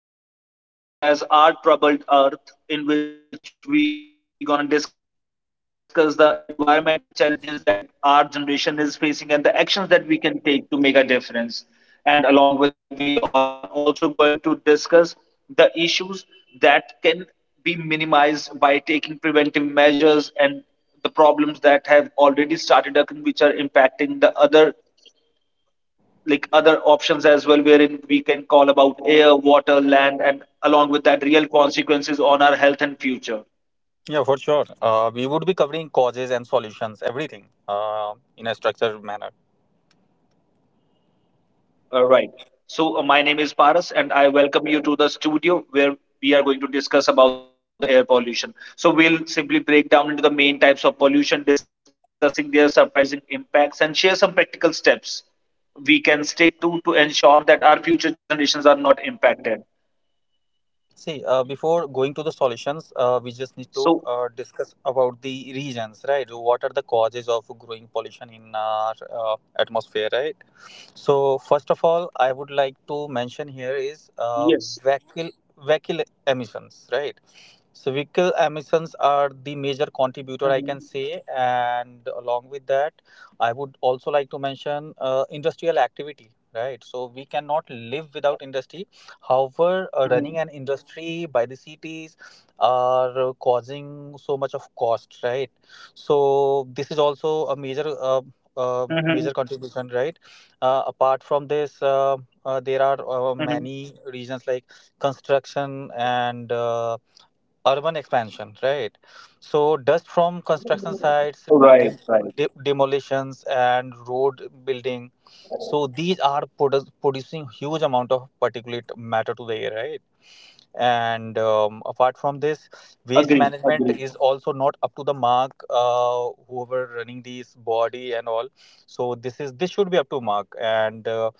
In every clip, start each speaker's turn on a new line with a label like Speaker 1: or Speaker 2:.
Speaker 1: Rishikesh, welcome to my podcast, which is gonna be called as Our Troubled Earth, in which we're gonna discuss the environmental challenges that our generation is facing and the actions that we can take to make a difference. And along with that, we are also going to discuss the issues that can be minimized by taking preventive measures and the problems that have already started occurring, which are impacting the other like other options as well wherein we can call about air water land and along with that real consequences on our health and future.
Speaker 2: Yeah, for sure. We would be covering causes and solutions, everything in a structured manner.
Speaker 1: All right, so my name is Paras and I welcome you to the studio where we are going to discuss about the air pollution. So we'll simply break down into the main types of pollution, discussing their surprising impacts and share some practical steps we can stick to ensure that our future generations are not impacted.
Speaker 2: See, before going to the solutions, we just
Speaker 1: So
Speaker 2: need to discuss about the reasons, right? What are the causes of growing pollution in our atmosphere, right? So, first of all, I would like to mention here
Speaker 1: yes.
Speaker 2: is vehicle vehicle emissions, right? So, vehicle emissions are the major
Speaker 1: Mhm.
Speaker 2: contributor, I can say, and along with that, I would also like to mention industrial activity, right? So, we cannot live without industry.
Speaker 1: Mhm.
Speaker 2: However, running an industry by the cities are causing so much of cost, right? So this is also a major uh,
Speaker 1: Mhm.
Speaker 2: uh, major contribution, right? Apart from this, there
Speaker 1: Mhm.
Speaker 2: are many reasons like construction and urban expansion, right? So dust from construction
Speaker 1: Right,
Speaker 2: sites,
Speaker 1: right.
Speaker 2: dem- demolitions, and road building. So these are producing huge amount of particulate matter to the air, right? And apart from this,
Speaker 1: Agree,
Speaker 2: waste
Speaker 1: agree.
Speaker 2: management is also not up to the mark. Whoever running these body and all, so this should be up to mark. And uh,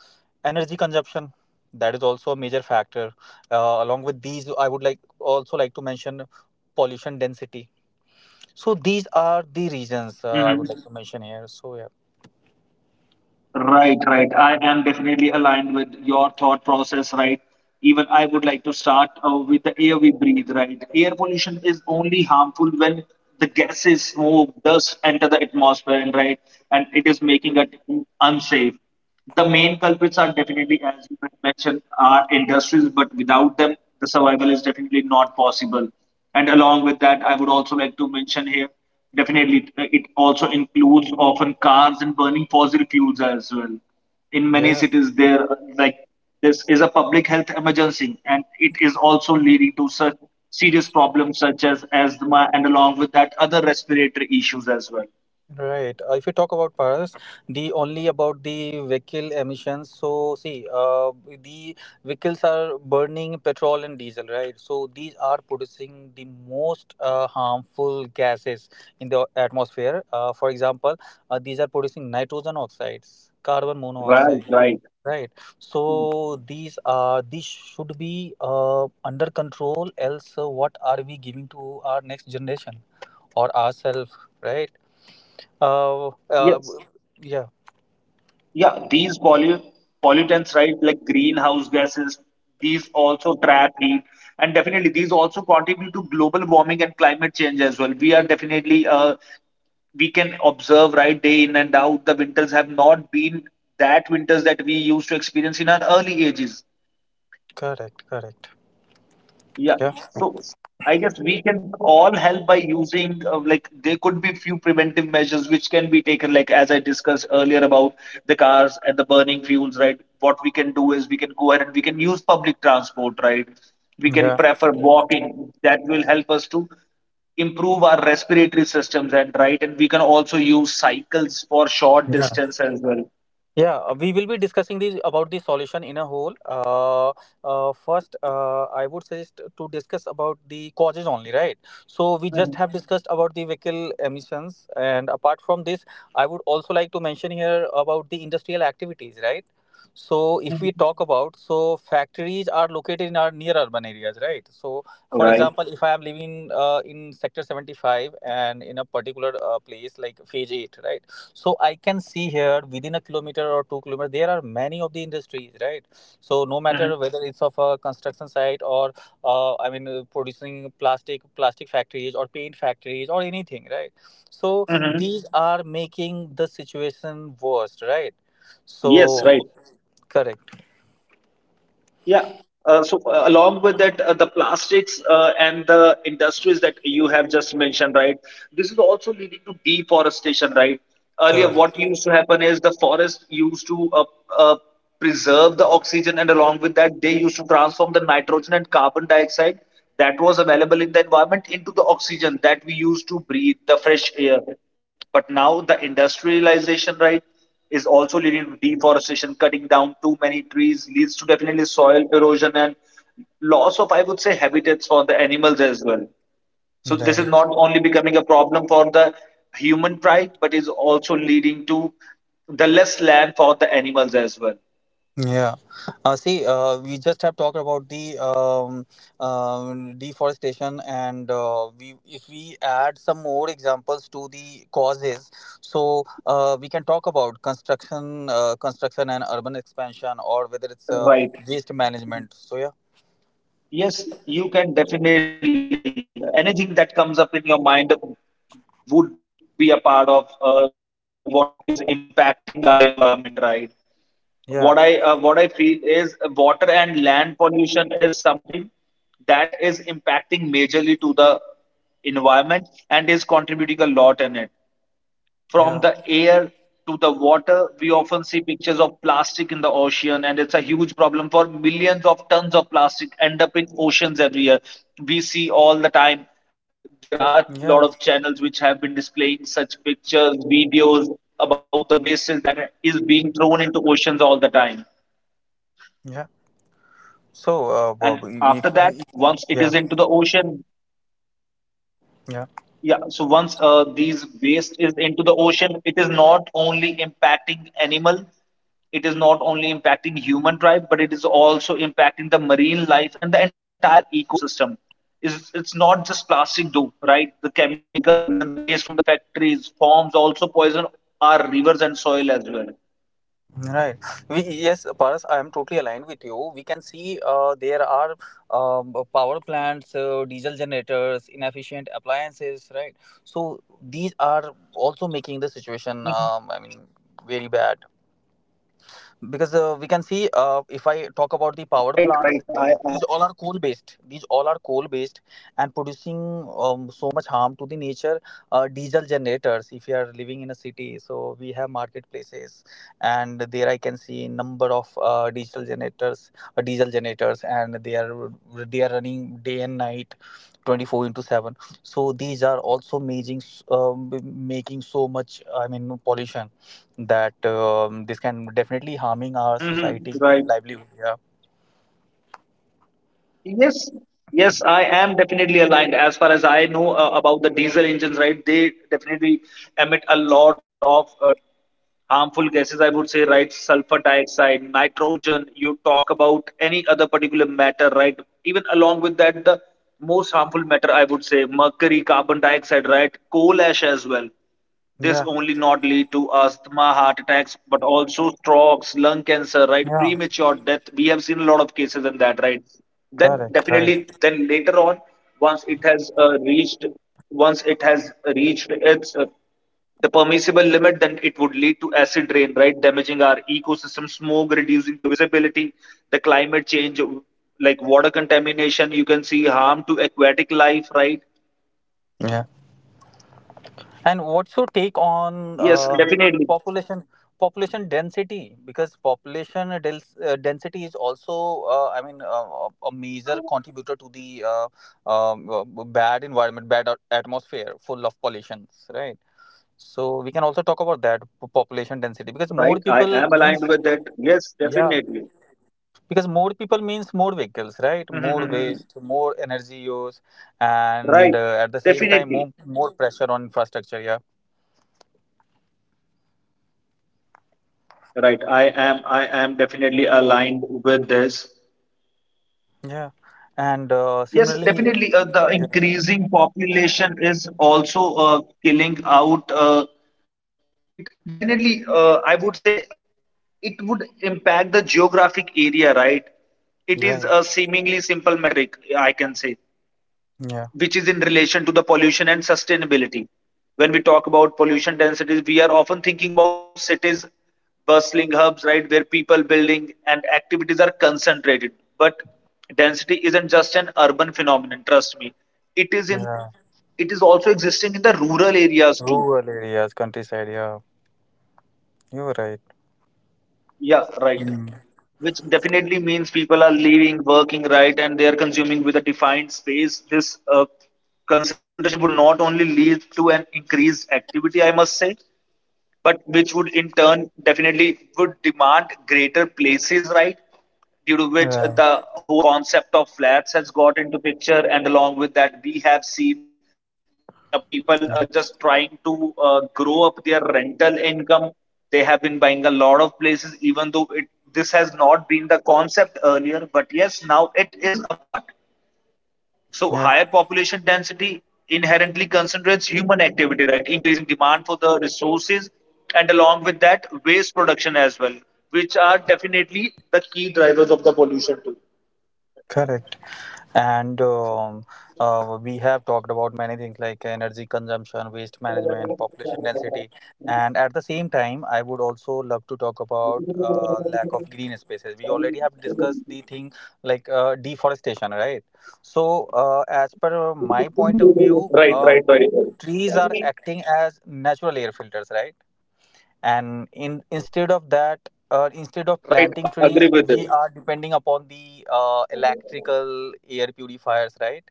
Speaker 2: energy consumption, that is also a major factor, along with these I would also like to mention pollution density. So these are the reasons I
Speaker 1: Hmm.
Speaker 2: would like to mention here, so yeah,
Speaker 1: Right, right. I am definitely aligned with your thought process, right? Even I would like to start with the air we breathe, right? Air pollution is only harmful when the gases, smoke, dust enter the atmosphere, and right, and it is making it unsafe. The main culprits are definitely, as you had mentioned, are industries, but without them, the survival is definitely not possible. And along with that, I would also like to mention here, definitely, it also includes often cars and burning fossil fuels as well. In many
Speaker 2: yeah.
Speaker 1: cities, there this is a public health emergency, and it is also leading to such serious problems such as asthma, and along with that, other respiratory issues as well.
Speaker 2: Right. If you talk about Paris, the only about the vehicle emissions. So see, the vehicles are burning petrol and diesel, right? So these are producing the most harmful gases in the atmosphere. For example, these are producing nitrogen oxides, carbon monoxide, right? So these should be under control. Else, what are we giving to our next generation or ourselves, right? Uh, uh,
Speaker 1: Yes.
Speaker 2: yeah,
Speaker 1: Yeah, these pollutants, right, like greenhouse gases, these also trap heat, and definitely these also contribute to global warming and climate change as well. We are definitely, we can observe, right, day in and out, the winters have not been that winters that we used to experience in our early ages.
Speaker 2: correct, correct.
Speaker 1: Yeah.
Speaker 2: Yeah,
Speaker 1: So I guess we can all help by using there could be few preventive measures which can be taken, like as I discussed earlier about the cars and the burning fuels, right? What we can do is we can go ahead and we can use public transport, right? We can
Speaker 2: yeah,
Speaker 1: prefer walking. That will help us to improve our respiratory systems and right, and we can also use cycles for short
Speaker 2: yeah.
Speaker 1: distance as well.
Speaker 2: Yeah, we will be discussing this about the solution in a whole. First, I would suggest to discuss about the causes only, right? So we just
Speaker 1: Mhm.
Speaker 2: have discussed about the vehicle emissions, and apart from this, I would also like to mention here about the industrial activities, right? So if
Speaker 1: Mhm.
Speaker 2: we talk about, so factories are located in our near urban areas, right? So for
Speaker 1: Right.
Speaker 2: example, if I am living in sector 75, and in a particular place like phase eight, right? So I can see here within a kilometer or 2 kilometers, there are many of the industries, right? So no matter
Speaker 1: Mhm.
Speaker 2: whether it's of a construction site or producing plastic factories or paint factories or anything, right? So
Speaker 1: Mhm.
Speaker 2: these are making the situation worse, right?
Speaker 1: Yes, right.
Speaker 2: So correct,
Speaker 1: Yeah. So along with that, the plastics and the industries that you have just mentioned, right? This is also leading to deforestation, right? Earlier
Speaker 2: correct,
Speaker 1: what used to happen is the forest used to uh, preserve the oxygen, and along with that they used to transform the nitrogen and carbon dioxide that was available in the environment into the oxygen that we used to breathe the fresh air. But now the industrialization, right, is also leading to deforestation. Cutting down too many trees leads to definitely soil erosion and loss of, I would say, habitats for the animals as well. So this is
Speaker 2: right.
Speaker 1: not only becoming a problem for the human pride, but is also leading to the less land for the animals as well.
Speaker 2: Yeah. See, we just have talked about the deforestation, and we, if we add some more examples to the causes, so we can talk about construction and urban expansion, or whether it's waste
Speaker 1: Right.
Speaker 2: management. So yeah,
Speaker 1: Yes, you can definitely. Anything that comes up in your mind would be a part of what is impacting our environment, right?
Speaker 2: yeah,
Speaker 1: What I feel is water and land pollution is something that is impacting majorly to the environment and is contributing a lot in it. From
Speaker 2: yeah,
Speaker 1: the air to the water. We often see pictures of plastic in the ocean, and it's a huge problem for millions of tons of plastic end up in oceans every year. We see all the time. There are a lot
Speaker 2: yeah,
Speaker 1: of channels which have been displaying such pictures, videos about the waste that is being thrown into oceans all the time.
Speaker 2: yeah. So, Bob,
Speaker 1: And after
Speaker 2: if
Speaker 1: that, once it
Speaker 2: yeah,
Speaker 1: is into the ocean.
Speaker 2: yeah.
Speaker 1: Yeah, so once these waste is into the ocean, it is not only impacting animal, it is not only impacting human tribe, but it is also impacting the marine life and the entire ecosystem. It's not just plastic though, right? The chemicals and the waste from the factories, farms also poison our rivers and soil as well.
Speaker 2: Right. We, yes, Paras, I am totally aligned with you. We can see there are power plants, diesel generators, inefficient appliances, right? So these are also making the situation, very bad, because we can see if I talk about the power plants, these all are coal based, and producing so much harm to the nature. Diesel generators, if you are living in a city, so we have marketplaces, and there I can see number of diesel generators, and they are running day and night, 24 into 7. So these are also making, making so much, I mean, pollution, that this can definitely harming our
Speaker 1: Mm-hmm.
Speaker 2: society
Speaker 1: Right.
Speaker 2: and livelihood, yeah,
Speaker 1: Yes. Yes, I am definitely aligned. As far as I know about the diesel engines, right? They definitely emit a lot of harmful gases, I would say, right? Sulfur dioxide, nitrogen, you talk about any other particular matter, right? Even along with that, the most harmful matter, I would say, mercury, carbon dioxide, right, coal ash as well.
Speaker 2: yeah,
Speaker 1: This only not lead to asthma, heart attacks, but also strokes, lung cancer, right,
Speaker 2: yeah,
Speaker 1: premature death. We have seen a lot of cases in that, right? Then
Speaker 2: correct,
Speaker 1: definitely,
Speaker 2: correct,
Speaker 1: then later on, once it has once it has reached its the permissible limit, then it would lead to acid rain, right, damaging our ecosystem, smoke reducing the visibility, the climate change, like water contamination, you can see harm to aquatic life, right?
Speaker 2: yeah. And what's your take on
Speaker 1: Yes,
Speaker 2: uh,
Speaker 1: definitely.
Speaker 2: population population density? Because density is also a major contributor to the bad environment, bad atmosphere full of pollutions, right? So we can also talk about population density, because
Speaker 1: Right?
Speaker 2: more
Speaker 1: I
Speaker 2: people
Speaker 1: am
Speaker 2: means,
Speaker 1: aligned with that. Yes,
Speaker 2: yeah,
Speaker 1: definitely.
Speaker 2: because more people means more vehicles, right, more
Speaker 1: Mhm.
Speaker 2: waste, more energy use,
Speaker 1: Right,
Speaker 2: and at the same time,
Speaker 1: definitely.
Speaker 2: more pressure on infrastructure, yeah,
Speaker 1: Right, I am definitely aligned with this.
Speaker 2: yeah, and
Speaker 1: Yes,
Speaker 2: similarly,
Speaker 1: definitely. The
Speaker 2: yeah.
Speaker 1: increasing population is also killing out. It definitely. I would say it would impact the geographic area, right? It is
Speaker 2: Right,
Speaker 1: a seemingly simple metric, I can say,
Speaker 2: yeah,
Speaker 1: which is in relation to the pollution and sustainability. When we talk about pollution densities, we are often thinking about cities, bustling hubs, right, where people, building, and activities are concentrated. But density isn't just an urban phenomenon. Trust me, it is in
Speaker 2: yeah,
Speaker 1: it is also existing in the rural areas too.
Speaker 2: rural areas, countryside, yeah, you're right.
Speaker 1: Yeah, right.
Speaker 2: Mm.
Speaker 1: Which definitely means people are leaving, working, right, and they are consuming with a defined space. This concentration would not only lead to an increased activity, I must say, but which would in turn definitely would demand greater places, right? Due to which the
Speaker 2: Right,
Speaker 1: whole concept of flats has got into picture, and along with that we have seen people
Speaker 2: yeah,
Speaker 1: just trying to grow up their rental income. They have been buying a lot of places, even though it, this has not been the concept earlier, but yes, now it is a part. So
Speaker 2: yeah,
Speaker 1: higher population density inherently concentrates human activity, right? Increasing demand for the resources and along with that waste production as well, which are definitely the key drivers of the pollution too.
Speaker 2: correct. And we have talked about many things like energy consumption, waste management, population density, and at the same time, I would also love to talk about lack of green spaces. We already have discussed the thing like deforestation, right? So, as per my point of view,
Speaker 1: Right, right, right.
Speaker 2: trees are
Speaker 1: Right.
Speaker 2: acting as natural air filters, right? And in instead of that
Speaker 1: Right,
Speaker 2: instead of
Speaker 1: I agree
Speaker 2: planting
Speaker 1: with it.
Speaker 2: trees, we are depending upon the electrical air purifiers, right?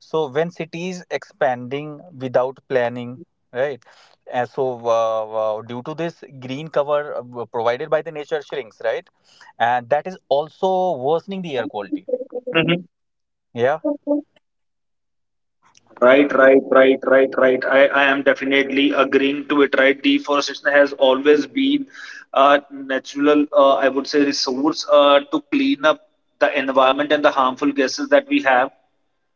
Speaker 2: So when cities expanding without planning, right, and so due to this, green cover provided by the nature shrinks, right, and that is also worsening the air quality, yeah,
Speaker 1: Mhm. Right, right, right, right, right. I am definitely agreeing to it, right? Deforestation has always been a natural, I would say, resource to clean up the environment and the harmful gases that we have.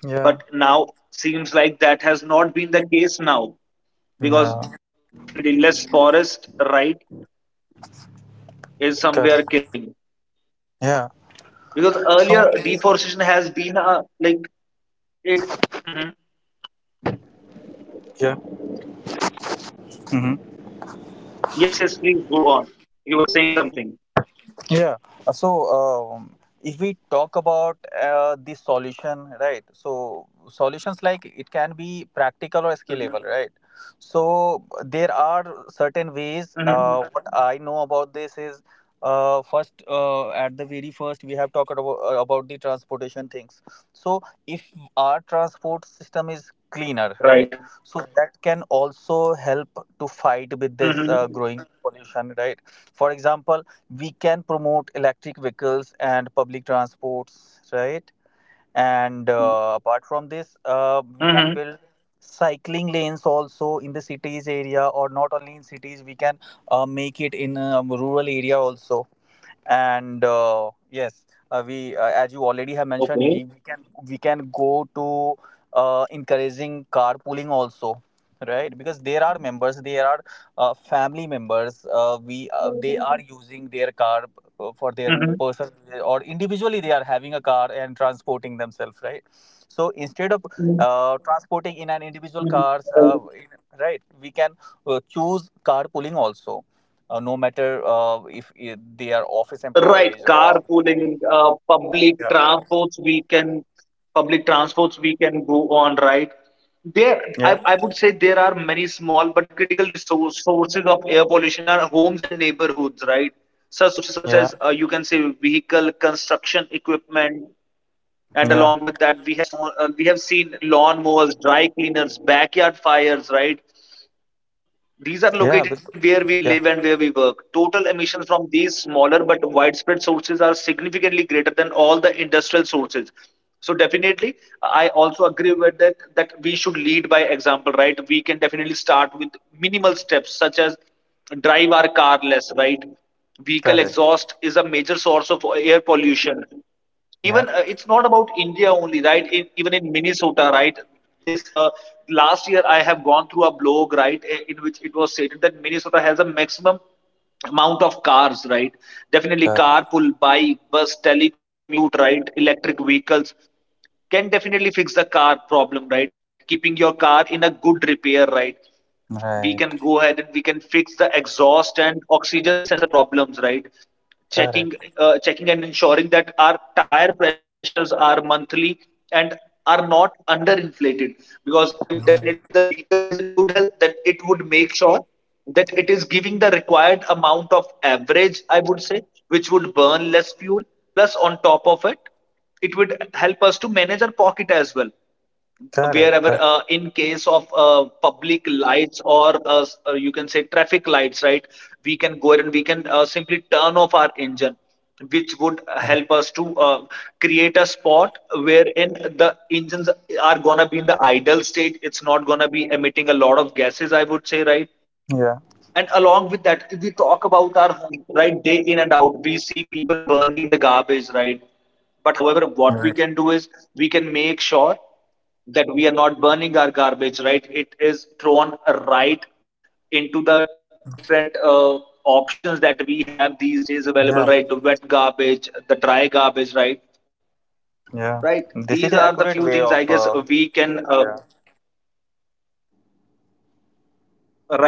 Speaker 2: yeah,
Speaker 1: But now seems like that has not been the case now because
Speaker 2: yeah,
Speaker 1: definitely less forest, right, is
Speaker 2: correct,
Speaker 1: somewhere killing.
Speaker 2: yeah,
Speaker 1: Because
Speaker 2: so
Speaker 1: earlier deforestation has been a, like it. Mhm.
Speaker 2: yeah. Mhm.
Speaker 1: Yes, yes, please go on. You were saying something.
Speaker 2: Yeah. Uh, So, um, if we talk about the solution, right? So, solutions like it can be practical or scalable,
Speaker 1: Mhm.
Speaker 2: right? So, there are certain ways.
Speaker 1: Mhm.
Speaker 2: What I know about this is at the very first, we have talked about the transportation things. So, if our transport system is cleaner, right?
Speaker 1: Right.
Speaker 2: So, that can also help to fight with this
Speaker 1: Mhm.
Speaker 2: growing pollution, right? For example, we can promote electric vehicles and public transports, right? And apart from this, we can build
Speaker 1: Mhm.
Speaker 2: cycling lanes also in the cities area, or not only in cities, we can make it in rural area also. And yes, we as you already have mentioned,
Speaker 1: Okay.
Speaker 2: we can go to encouraging carpooling also, right? Because there are members, there are family members, we they are using their car for their
Speaker 1: Mhm.
Speaker 2: personal, or individually they are having a car and transporting themselves, right? So instead of
Speaker 1: Mhm.
Speaker 2: transporting in an individual cars,
Speaker 1: Right.
Speaker 2: right, we can choose carpooling also, no matter if they are office
Speaker 1: Right.
Speaker 2: employees or
Speaker 1: Carpooling,
Speaker 2: yeah,
Speaker 1: public transports we can go on, right? There,
Speaker 2: yeah,
Speaker 1: I would say there are many small but critical sources of air pollution are homes and neighborhoods, right? Such sources such
Speaker 2: yeah,
Speaker 1: as you can say vehicle, construction equipment, and along
Speaker 2: yeah,
Speaker 1: with that we have so we have seen lawn mowers, dry cleaners, backyard fires, right? These are
Speaker 2: yeah,
Speaker 1: located
Speaker 2: because,
Speaker 1: where we live
Speaker 2: yeah,
Speaker 1: and where we work. Total emissions from these smaller but widespread sources are significantly greater than all the industrial sources. So definitely, I also agree with that that we should lead by example, right? We can definitely start with minimal steps such as drive our car less, right? Vehicle
Speaker 2: correct,
Speaker 1: exhaust is a major source of air pollution.
Speaker 2: yeah,
Speaker 1: Even it's not about India only, right? In, even in Minnesota, right, this last year I have gone through a blog, right, in which it was stated that Minnesota has a maximum amount of cars, right? Definitely
Speaker 2: correct,
Speaker 1: carpool, bike, bus, telecommute, right, electric vehicles can definitely fix the car problem, right? Keeping your car in a good repair, right, we can
Speaker 2: right,
Speaker 1: go ahead and we can fix the exhaust and oxygen sensor problems, right? checking
Speaker 2: correct,
Speaker 1: checking and ensuring that our tire pressures are monthly and are not underinflated, because if definitely the
Speaker 2: yeah,
Speaker 1: vehicle is in good health, then it would make sure that it is giving the required amount of average, I would say, which would burn less fuel. Plus on top of it, it would help us to manage our pocket as well.
Speaker 2: correct,
Speaker 1: Wherever,
Speaker 2: correct,
Speaker 1: in case of public lights or you can say traffic lights, right, we can go ahead and we can simply turn off our engine, which would
Speaker 2: correct,
Speaker 1: help us to create a spot wherein the engines are gonna be in the idle state. It's not gonna be emitting a lot of gases, I would say, right?
Speaker 2: yeah,
Speaker 1: And along with that, if we talk about our home, right, day in and out, we see people burning the garbage, right? But however, what we
Speaker 2: right,
Speaker 1: can do is we can make sure that we are not burning our garbage, right? It is thrown right into the different options that we have these days available,
Speaker 2: yeah,
Speaker 1: right? The wet garbage, the dry garbage, right?
Speaker 2: yeah,
Speaker 1: Right.
Speaker 2: this is
Speaker 1: These
Speaker 2: the
Speaker 1: are the
Speaker 2: accurate
Speaker 1: few
Speaker 2: way
Speaker 1: things I
Speaker 2: of
Speaker 1: guess we can uh.
Speaker 2: yeah,
Speaker 1: Right.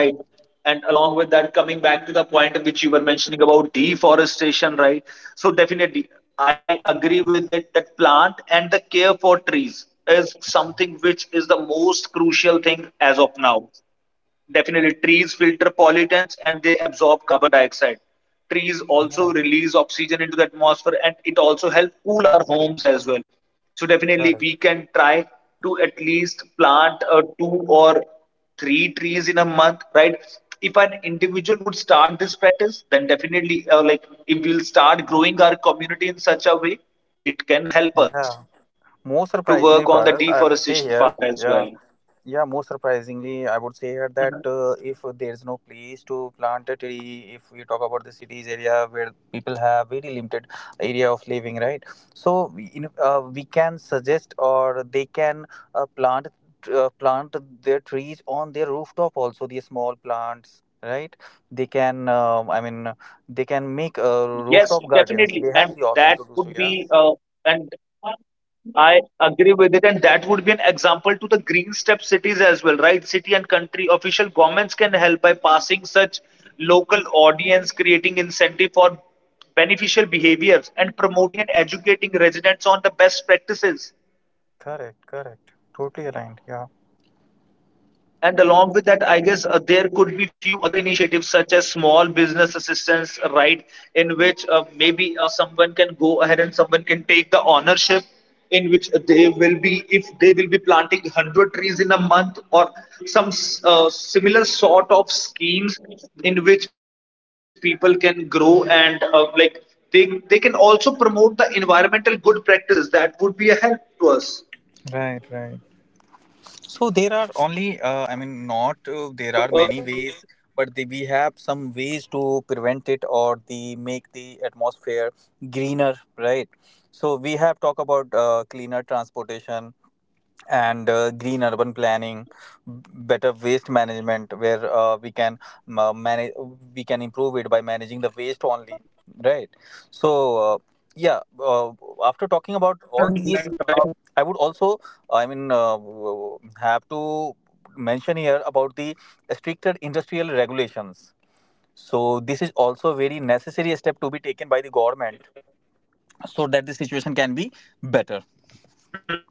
Speaker 1: And along with that, coming back to the point which you were mentioning about deforestation, right? So definitely, I agree with it that plant and the care for trees is something which is the most crucial thing as of now. Definitely, trees filter pollutants and they absorb carbon dioxide. Trees
Speaker 2: yeah,
Speaker 1: also release oxygen into the atmosphere and it also helps cool our homes as well. So, definitely,
Speaker 2: correct,
Speaker 1: we can try to at least plant two or three trees in a month, right? If an individual would start this practice, then definitely, like if we'll start growing our community in such a way, it can help
Speaker 2: yeah.
Speaker 1: us
Speaker 2: Most
Speaker 1: to
Speaker 2: surprisingly,
Speaker 1: work on the
Speaker 2: Paras, I would say
Speaker 1: deforestation
Speaker 2: here,
Speaker 1: part as
Speaker 2: yeah.
Speaker 1: well.
Speaker 2: Yeah, most surprisingly, I would say here, that if there is no place to plant a tree, if we talk about the cities area where people have very limited area of living, right? So we can suggest, or they can uh, plant plant their trees on their rooftop also, the small plants, right? They can they can make
Speaker 1: Yes,
Speaker 2: rooftop
Speaker 1: definitely.
Speaker 2: gardens, they
Speaker 1: And
Speaker 2: have the
Speaker 1: that
Speaker 2: option to do
Speaker 1: would
Speaker 2: so, yeah,
Speaker 1: be, and I agree with it. And that would be an example to the green step cities as well, right? City and country official governments can help by passing such local audience, creating incentive for beneficial behaviors and promoting and educating residents on the best practices.
Speaker 2: correct, correct, totally aligned, yeah,
Speaker 1: And along with that, I guess there could be few other initiatives such as small business assistance, right? In which maybe someone can go ahead and someone can take the ownership, in which they will be, if they will be planting 100 trees in a month or some similar sort of schemes in which people can grow and they can also promote the environmental good practices that would be a help to us.
Speaker 2: right, right. So there are only, I mean, not there are
Speaker 1: So, uh.
Speaker 2: many ways, but the, we have some ways to prevent it, or the make the atmosphere greener, right? So we have talked about cleaner transportation, and green urban planning, better waste management, where we can manage, we can improve it by managing the waste only, right? So yeah uh, after talking
Speaker 1: Mhm.
Speaker 2: about all
Speaker 1: Right.
Speaker 2: these, I would also, i mean uh, have to mention here about the stricter industrial regulations. So this is also very necessary step to be taken by the government, so that the situation can be better.
Speaker 1: Mhm.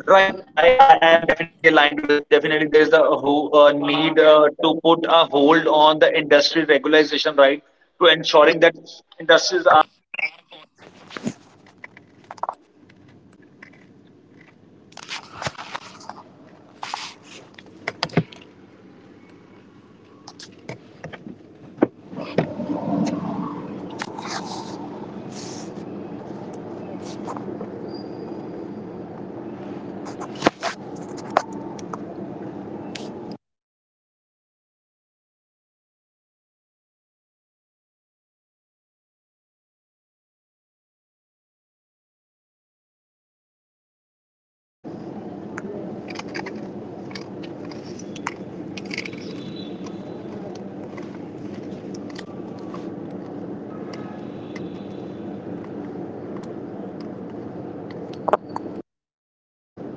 Speaker 1: Right, I am definitely aligned with definitely there is a who need to put a hold on the industry regularization, right, to ensuring that industries are following or they are doing whatever is required to ensure the things are intact with our environmental needs, right? And along with that we can talk about the 3R policy, I guess. What would you recommend on that? Any idea about it, Rishikesh? Rishikesh, I guess I have lost your connection here. Let me know. Let me know if you are still here. Would love to discuss a few other things as well.